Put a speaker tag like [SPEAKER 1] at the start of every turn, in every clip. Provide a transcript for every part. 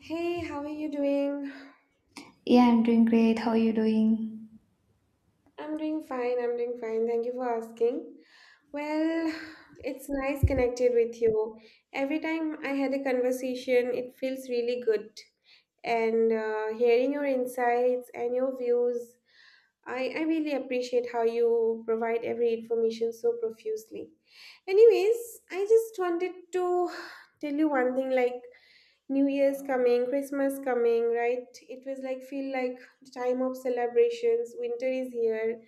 [SPEAKER 1] Hey, how are you doing?
[SPEAKER 2] Yeah, I'm doing great. How are you doing?
[SPEAKER 1] I'm doing fine. I'm doing fine. Thank you for asking. Well, it's nice connected with you. Every time I had a conversation, it feels really good. And hearing your insights and your views, I really appreciate how you provide every information so profusely. Anyways, I just wanted to tell you one thing like New Year's coming, Christmas coming, right? It was like feel like the time of celebrations. Winter is here,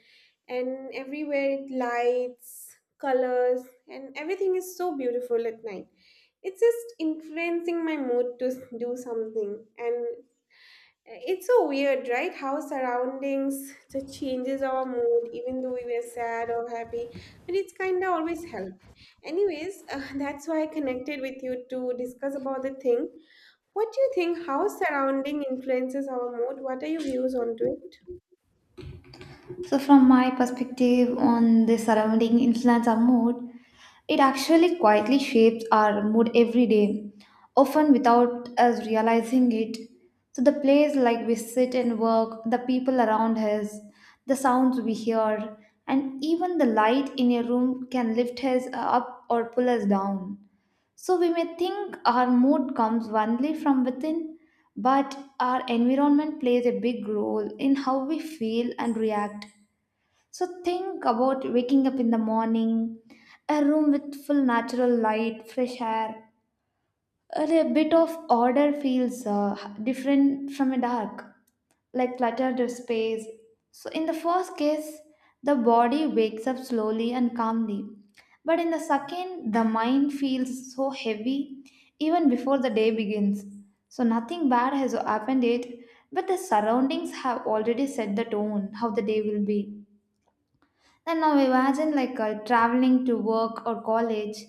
[SPEAKER 1] and everywhere it lights, colors, and everything is so beautiful at night. It's just influencing my mood to do something, and it's so weird, right? How surroundings just changes our mood, even though we were sad or happy, but it's kind of always help. Anyways, that's why I connected with you to discuss about the thing what do you think? How surrounding influences our mood? What are your views onto it?
[SPEAKER 2] So, from my perspective on the surrounding influence our mood, it actually quietly shapes our mood every day, often without us realizing it. So, the place like we sit and work, the people around us, the sounds we hear, and even the light in a room can lift us up or pull us down. So we may think our mood comes only from within, but our environment plays a big role in how we feel and react. So think about waking up in the morning, a room with full natural light, fresh air, a bit of order feels different from a dark, like cluttered space. So, in the first case, the body wakes up slowly and calmly. But in the second, the mind feels so heavy even before the day begins. So, nothing bad has happened yet, but the surroundings have already set the tone how the day will be. And now imagine like traveling to work or college,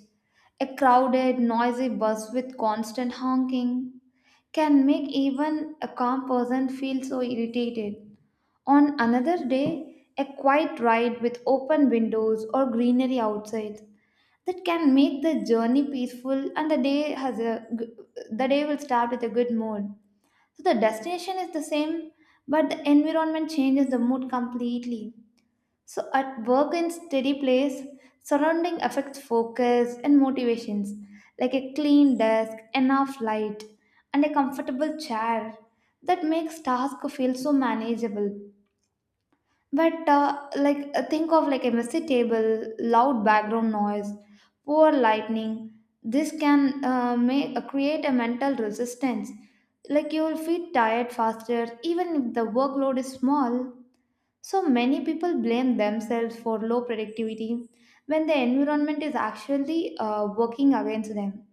[SPEAKER 2] a crowded, noisy bus with constant honking can make even a calm person feel so irritated. On another day, a quiet ride with open windows or greenery outside that can make the journey peaceful and the day will start with a good mood. So the destination is the same, but the environment changes the mood completely. So, at work and steady place, surrounding affects focus and motivations, like a clean desk, enough light, and a comfortable chair that makes task feel so manageable. But think of like a messy table, loud background noise, poor lightning. This can make create a mental resistance. Like you will feel tired faster, even if the workload is small. So many people blame themselves for low productivity when the environment is actually working against them.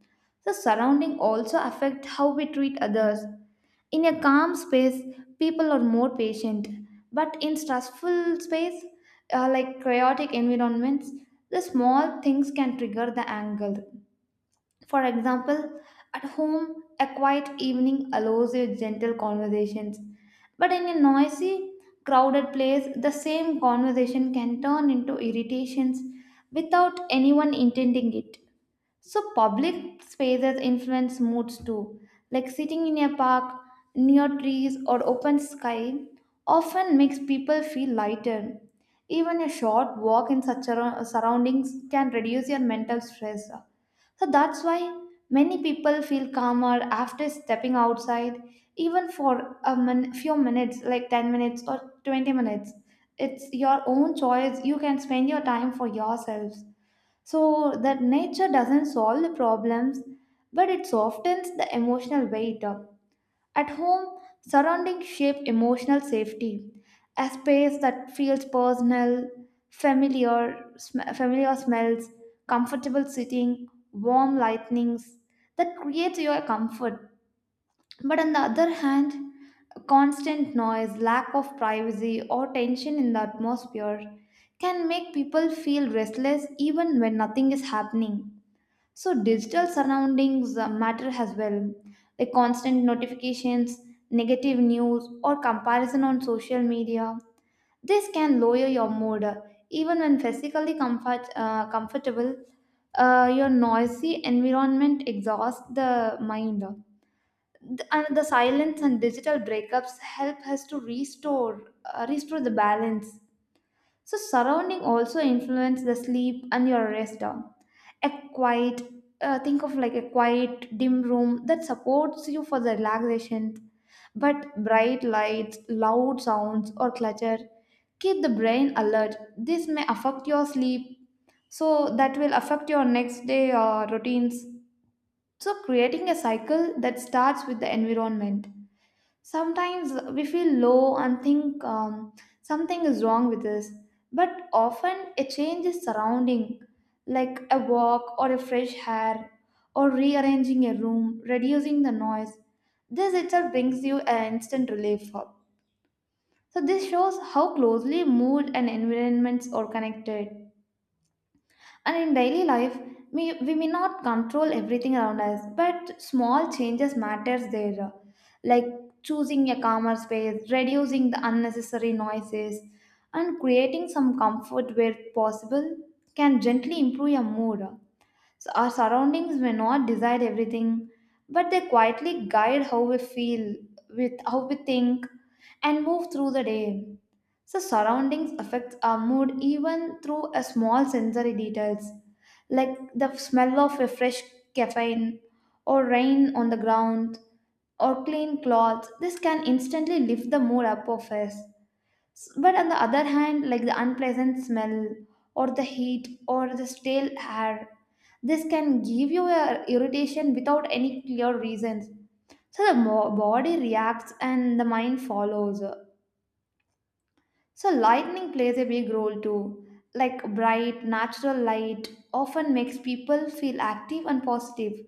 [SPEAKER 2] The surrounding also affect how we treat others. In a calm space, people are more patient, but in stressful space, like chaotic environments, the small things can trigger the anger. For example, at home, a quiet evening allows you gentle conversations, but in a noisy, crowded place, the same conversation can turn into irritations without anyone intending it. So public spaces influence moods too. Like sitting in a park, near trees or open sky often makes people feel lighter. Even a short walk in such surroundings can reduce your mental stress. So that's why many people feel calmer after stepping outside, even for a few minutes, like 10 minutes or 20 minutes. It's your own choice. You can spend your time for yourselves. So that nature doesn't solve the problems, but it softens the emotional weight. At home, surroundings shape emotional safety. A space that feels personal, familiar, familiar smells, comfortable sitting, warm lightnings, that creates your comfort. But on the other hand, constant noise, lack of privacy, or tension in the atmosphere can make people feel restless even when nothing is happening. So, digital surroundings matter as well. The constant notifications, negative news, or comparison on social media. This can lower your mood. Even when physically comfortable, your noisy environment exhausts the mind. And the silence and digital breakups help us to restore restore the balance. So surrounding also influence the sleep and your rest down. A quiet, think of like a quiet dim room that supports you for the relaxation, but bright lights, loud sounds, or clutter keep the brain alert. This may affect your sleep, so that will affect your next day routines, so creating a cycle that starts with the environment. Sometimes we feel low and think something is wrong with us, but often a change is surrounding, like a walk or a fresh hair, or rearranging a room, reducing the noise. This itself brings you an instant relief. So, this shows how closely mood and environments are connected. And in daily life, we may not control everything around us, but small changes matters there, like choosing a calmer space, reducing the unnecessary noises, and creating some comfort where possible can gently improve your mood. So our surroundings may not decide everything, but they quietly guide how we feel, with how we think, and move through the day. So surroundings affects our mood even through a small sensory details like the smell of a fresh caffeine or rain on the ground or clean clothes. This can instantly lift the mood up of us. But on the other hand, like the unpleasant smell or the heat or the stale air, this can give you a irritation without any clear reasons. So the body reacts and the mind follows. So, lightning plays a big role too. Like bright, natural light often makes people feel active and positive.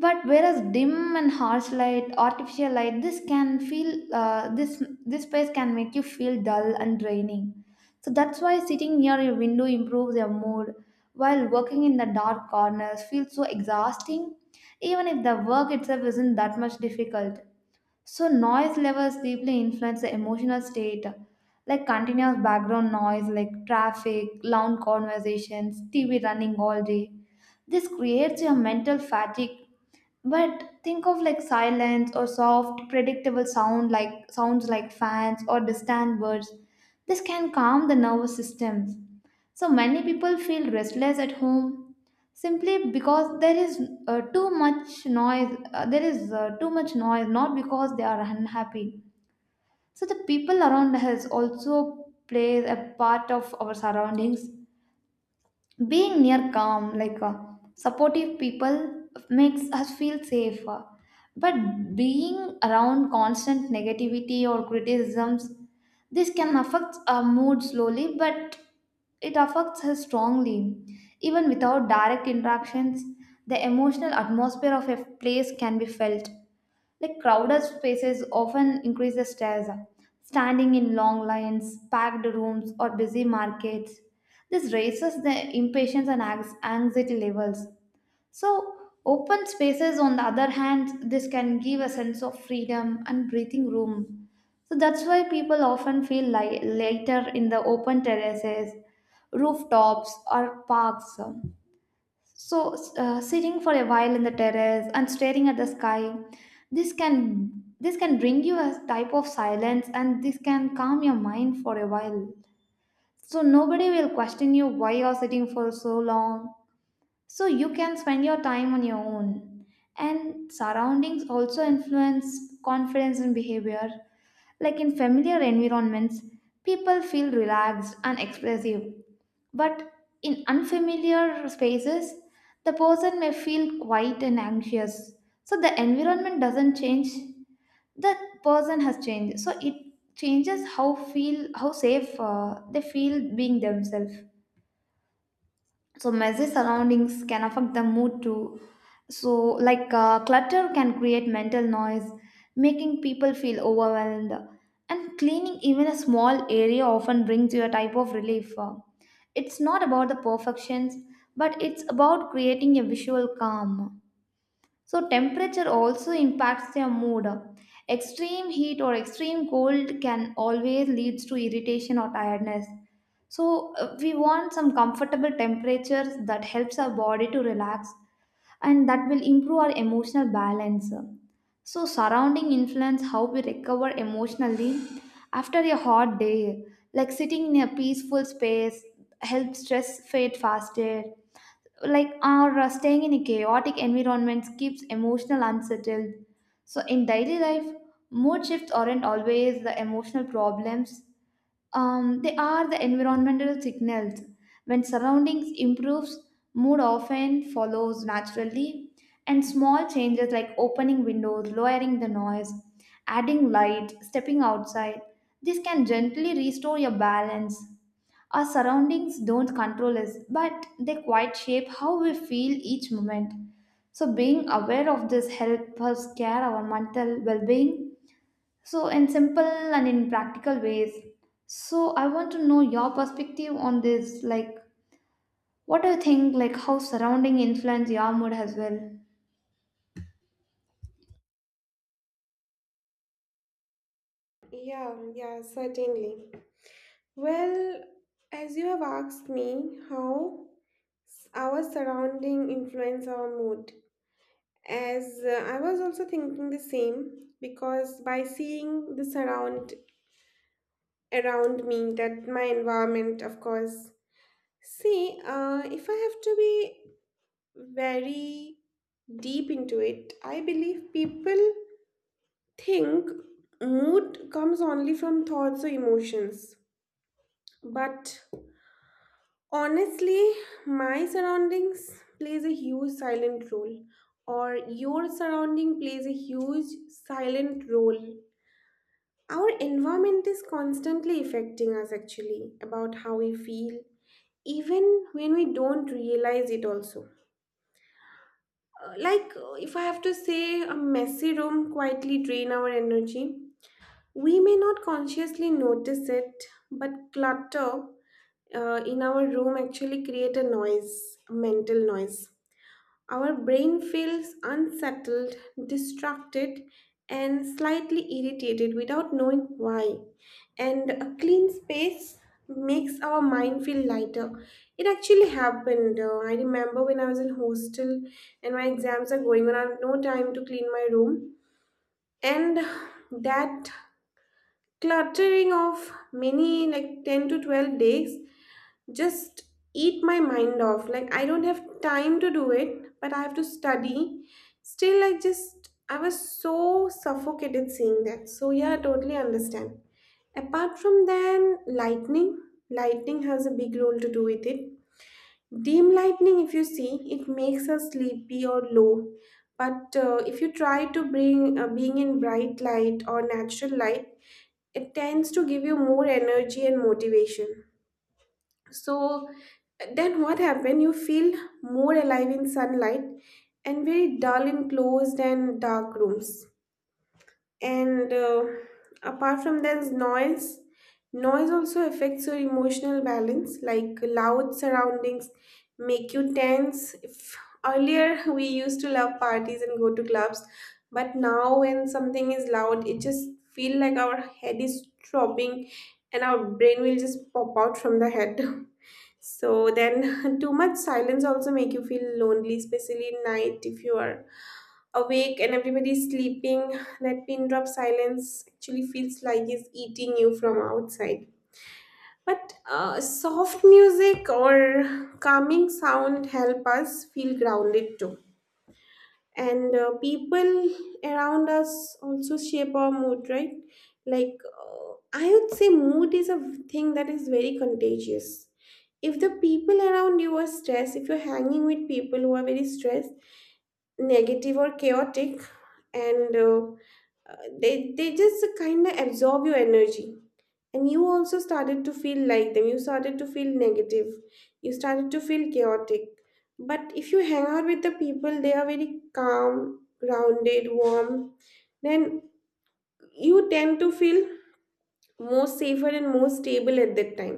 [SPEAKER 2] But whereas dim and harsh light, artificial light, this can feel this space can make you feel dull and draining. So that's why sitting near your window improves your mood, while working in the dark corners feels so exhausting, even if the work itself isn't that much difficult. So, noise levels deeply influence the emotional state, like continuous background noise, like traffic, loud conversations, TV running all day. This creates your mental fatigue. But think of like silence or soft, predictable sounds like fans or distant birds. This can calm the nervous systems. So many people feel restless at home simply because there is too much noise. Not because they are unhappy. So the people around us also play a part of our surroundings. Being near calm, like supportive people makes us feel safe, but being around constant negativity or criticisms, this can affect our mood slowly, but it affects us strongly even without direct interactions. The emotional atmosphere of a place can be felt, like crowded spaces often increase the stress. Standing in long lines, packed rooms, or busy markets, this raises the impatience and anxiety levels. So, open spaces, on the other hand, this can give a sense of freedom and breathing room. So that's why people often feel like later in the open terraces, rooftops, or parks. So, sitting for a while in the terrace and staring at the sky, this can this can bring you a type of silence, and this can calm your mind for a while. So nobody will question you why you're sitting for so long. So you can spend your time on your own. And surroundings also influence confidence and behavior. Like in familiar environments, people feel relaxed and expressive, but in unfamiliar spaces, the person may feel quiet and anxious. So the environment doesn't change, the person has changed. So it changes how feel how safe they feel being themselves. So messy surroundings can affect the mood too. So like clutter can create mental noise, making people feel overwhelmed, and cleaning even a small area often brings you a type of relief. It's not about the perfections, but it's about creating a visual calm. So, temperature also impacts their mood. Extreme heat or extreme cold can always leads to irritation or tiredness. So, we want some comfortable temperatures that helps our body to relax, and that will improve our emotional balance. So, surrounding influence how we recover emotionally after a hot day, like sitting in a peaceful space helps stress fade faster, like our staying in a chaotic environment keeps emotional unsettled. So in daily life, mood shifts aren't always the emotional problems, they are the environmental signals. When surroundings improves, mood often follows naturally, and small changes like opening windows, lowering the noise, adding light, stepping outside, this can gently restore your balance. Our surroundings don't control us, but they quite shape how we feel each moment. So being aware of this helps us care our mental well-being. So in simple and in practical ways. So I want to know your perspective on this. Like, what do you think? Like, how surrounding influence your mood as well?
[SPEAKER 1] Yeah, yeah, certainly. Well, as you have asked me, how our surrounding influence our mood. As I was also thinking the same because by seeing the surround around me, that my environment, of course. See, if I have to be very deep into it, I believe people think mood comes only from thoughts or emotions, but honestly, my surroundings plays a huge silent role, or your surrounding plays a huge silent role. Our environment is constantly affecting us actually about how we feel, even when we don't realize it also. If I have to say, a messy room quietly drain our energy. We may not consciously notice it, but clutter in our room actually create a noise, a mental noise. Our brain feels unsettled, distracted, and slightly irritated without knowing why. And a clean space makes our mind feel lighter. It actually happened. I remember when I was in hostel and my exams are going on, I have no time to clean my room, and that cluttering of many like 10 to 12 days just eat my mind off like I don't have time to do it, but I have to study. Still, I was so suffocated seeing that, so yeah, I totally understand. Apart from then, lightning, lightning has a big role to do with it. Dim lightning, if you see, it makes us sleepy or low, but if you try to bring being in bright light or natural light, it tends to give you more energy and motivation. So then what happened? You feel more alive in sunlight and very dull in closed and dark rooms, and apart from there's noise, noise also affects your emotional balance like loud surroundings make you tense. If earlier we used to love parties and go to clubs, but now when something is loud, it just feel like our head is throbbing and our brain will just pop out from the head. So then, too much silence also make you feel lonely, especially at night, if you are awake and everybody's sleeping, that pin drop silence actually feels like it's eating you from outside. But soft music or calming sound help us feel grounded too. And people around us also shape our mood, right? Like I would say, mood is a thing that is very contagious. If the people around you are stressed, if you're hanging with people who are very stressed, negative or chaotic, and they just kind of absorb your energy, and you also started to feel like them, you started to feel negative, you started to feel chaotic. But if you hang out with the people, they are very calm, grounded, warm, then you tend to feel more safer and more stable at that time.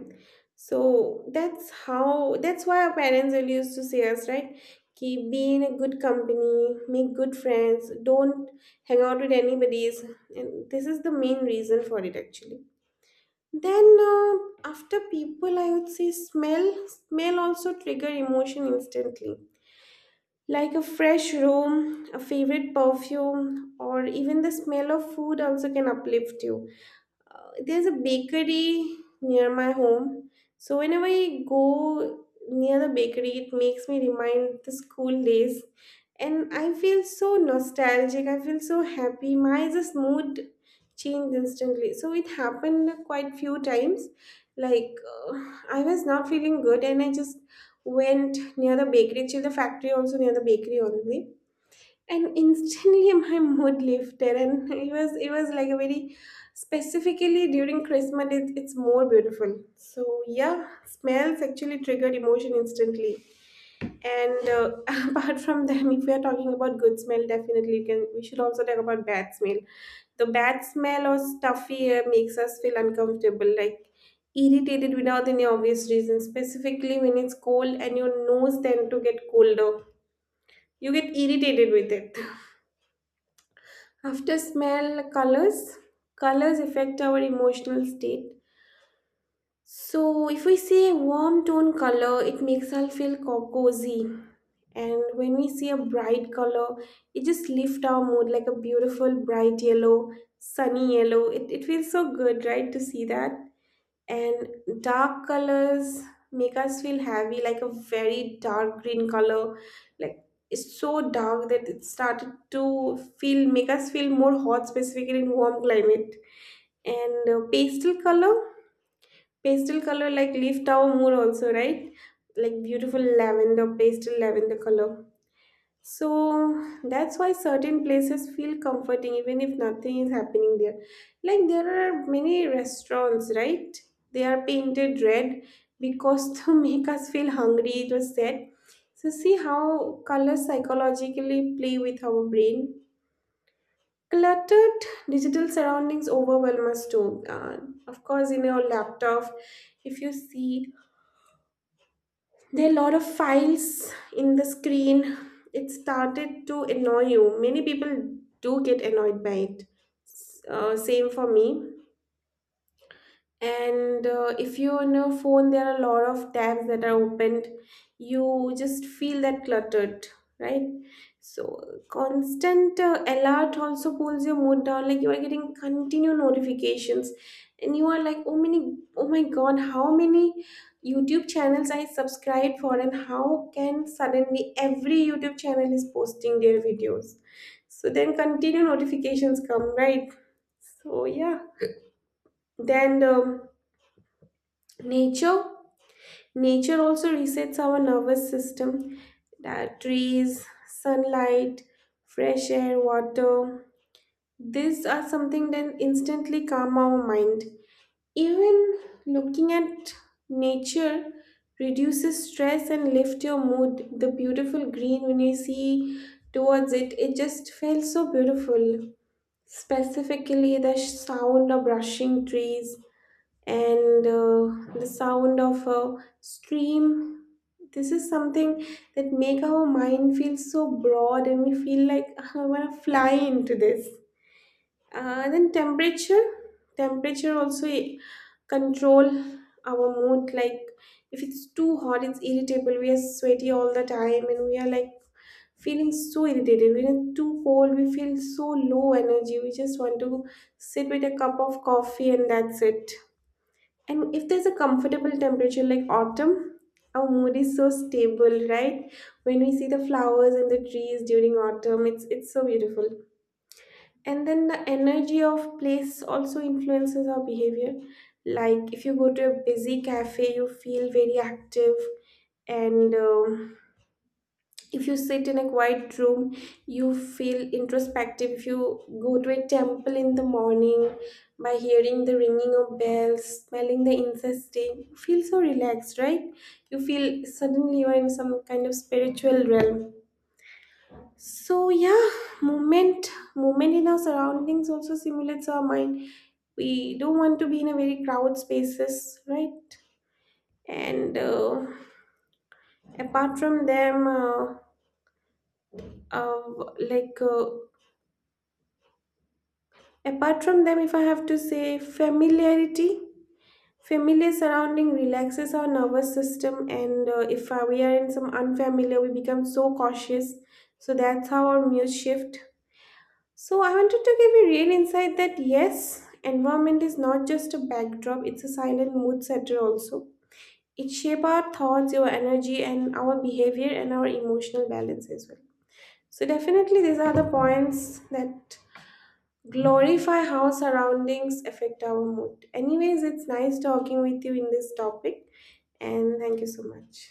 [SPEAKER 1] So that's how, that's why our parents will used to say us, right? Keep be in a good company, make good friends, don't hang out with anybody's, and this is the main reason for it actually. Then after people, I would say smell, smell also trigger emotion instantly, like a fresh room, a favorite perfume, or even the smell of food also can uplift you. There's a bakery near my home. So whenever I go near the bakery, it makes me remind the school days. And I feel so nostalgic. I feel so happy. My just mood changed instantly. So it happened quite few times. Like I was not feeling good, and I just went near the bakery. Actually, the factory also near the bakery only, and instantly my mood lifted, and it was like a very specifically during Christmas, it's more beautiful. So yeah, smells actually triggered emotion instantly. And apart from them, if we are talking about good smell, definitely you can, we should also talk about bad smell. The bad smell or stuffy air makes us feel uncomfortable, like irritated without any obvious reason, specifically when it's cold and your nose tend to get colder, you get irritated with it. After smell, colors. Colors affect our emotional state. So, if we see a warm tone color, it makes us feel cozy. And when we see a bright color, it just lifts our mood like a beautiful bright yellow, sunny yellow. It feels so good, right, to see that? And dark colors make us feel heavy, like a very dark green color. Like, it's so dark that it started to feel, make us feel more hot, specifically in warm climate. And pastel color, pastel color like lift our mood also, right? Like beautiful lavender, pastel lavender color. So that's why certain places feel comforting even if nothing is happening there. Like there are many restaurants, right? They are painted red because to make us feel hungry, it was said. So see how colors psychologically play with our brain. Cluttered digital surroundings overwhelm us too. Of course, in your laptop, if you see there are a lot of files in the screen. It started to annoy you. Many people do get annoyed by it. Same for me. And if you're on your phone, there are a lot of tabs that are opened, you just feel that cluttered, right? So constant alert also pulls your mood down. Like you are getting continued notifications, and you are like, oh many, oh my god, how many YouTube channels I subscribed for, and how can suddenly every YouTube channel is posting their videos. So then continue notifications come, right? So yeah, then nature, nature also resets our nervous system. That trees, sunlight, fresh air, water, these are something that instantly calm our mind. Even looking at nature reduces stress and lift your mood. The beautiful green, when you see towards it, it just feels so beautiful. Specifically, the sound of brushing trees and the sound of a stream, this is something that make our mind feel so broad, and we feel like, "Ah, I want to fly into this. And then temperature, temperature also control our mood. Like if it's too hot, it's irritable, we are sweaty all the time and we are like feeling so irritated. When it's too cold, we feel so low energy, we just want to sit with a cup of coffee, and that's it. And if there's a comfortable temperature like autumn, our mood is so stable, right? When we see the flowers and the trees during autumn, it's so beautiful. And then the energy of place also influences our behavior. Like if you go to a busy cafe, you feel very active, and if you sit in a quiet room, you feel introspective. If you go to a temple in the morning, by hearing the ringing of bells, smelling the incense stick, you feel so relaxed, right? You feel suddenly you're in some kind of spiritual realm. So yeah, movement, movement in our surroundings also stimulates our mind. We don't want to be in a very crowded spaces, right? And apart from them uh, uh, like uh, apart from them, if I have to say familiarity, familiar surrounding relaxes our nervous system, and if we are in some unfamiliar, we become so cautious. So that's how our moods shift. So I wanted to give you real insight that yes, environment is not just a backdrop; it's a silent mood setter also. It shapes our thoughts, our energy, and our behavior, and our emotional balance as well. So definitely, these are the points that glorify how surroundings affect our mood. Anyways, it's nice talking with you in this topic, and thank you so much.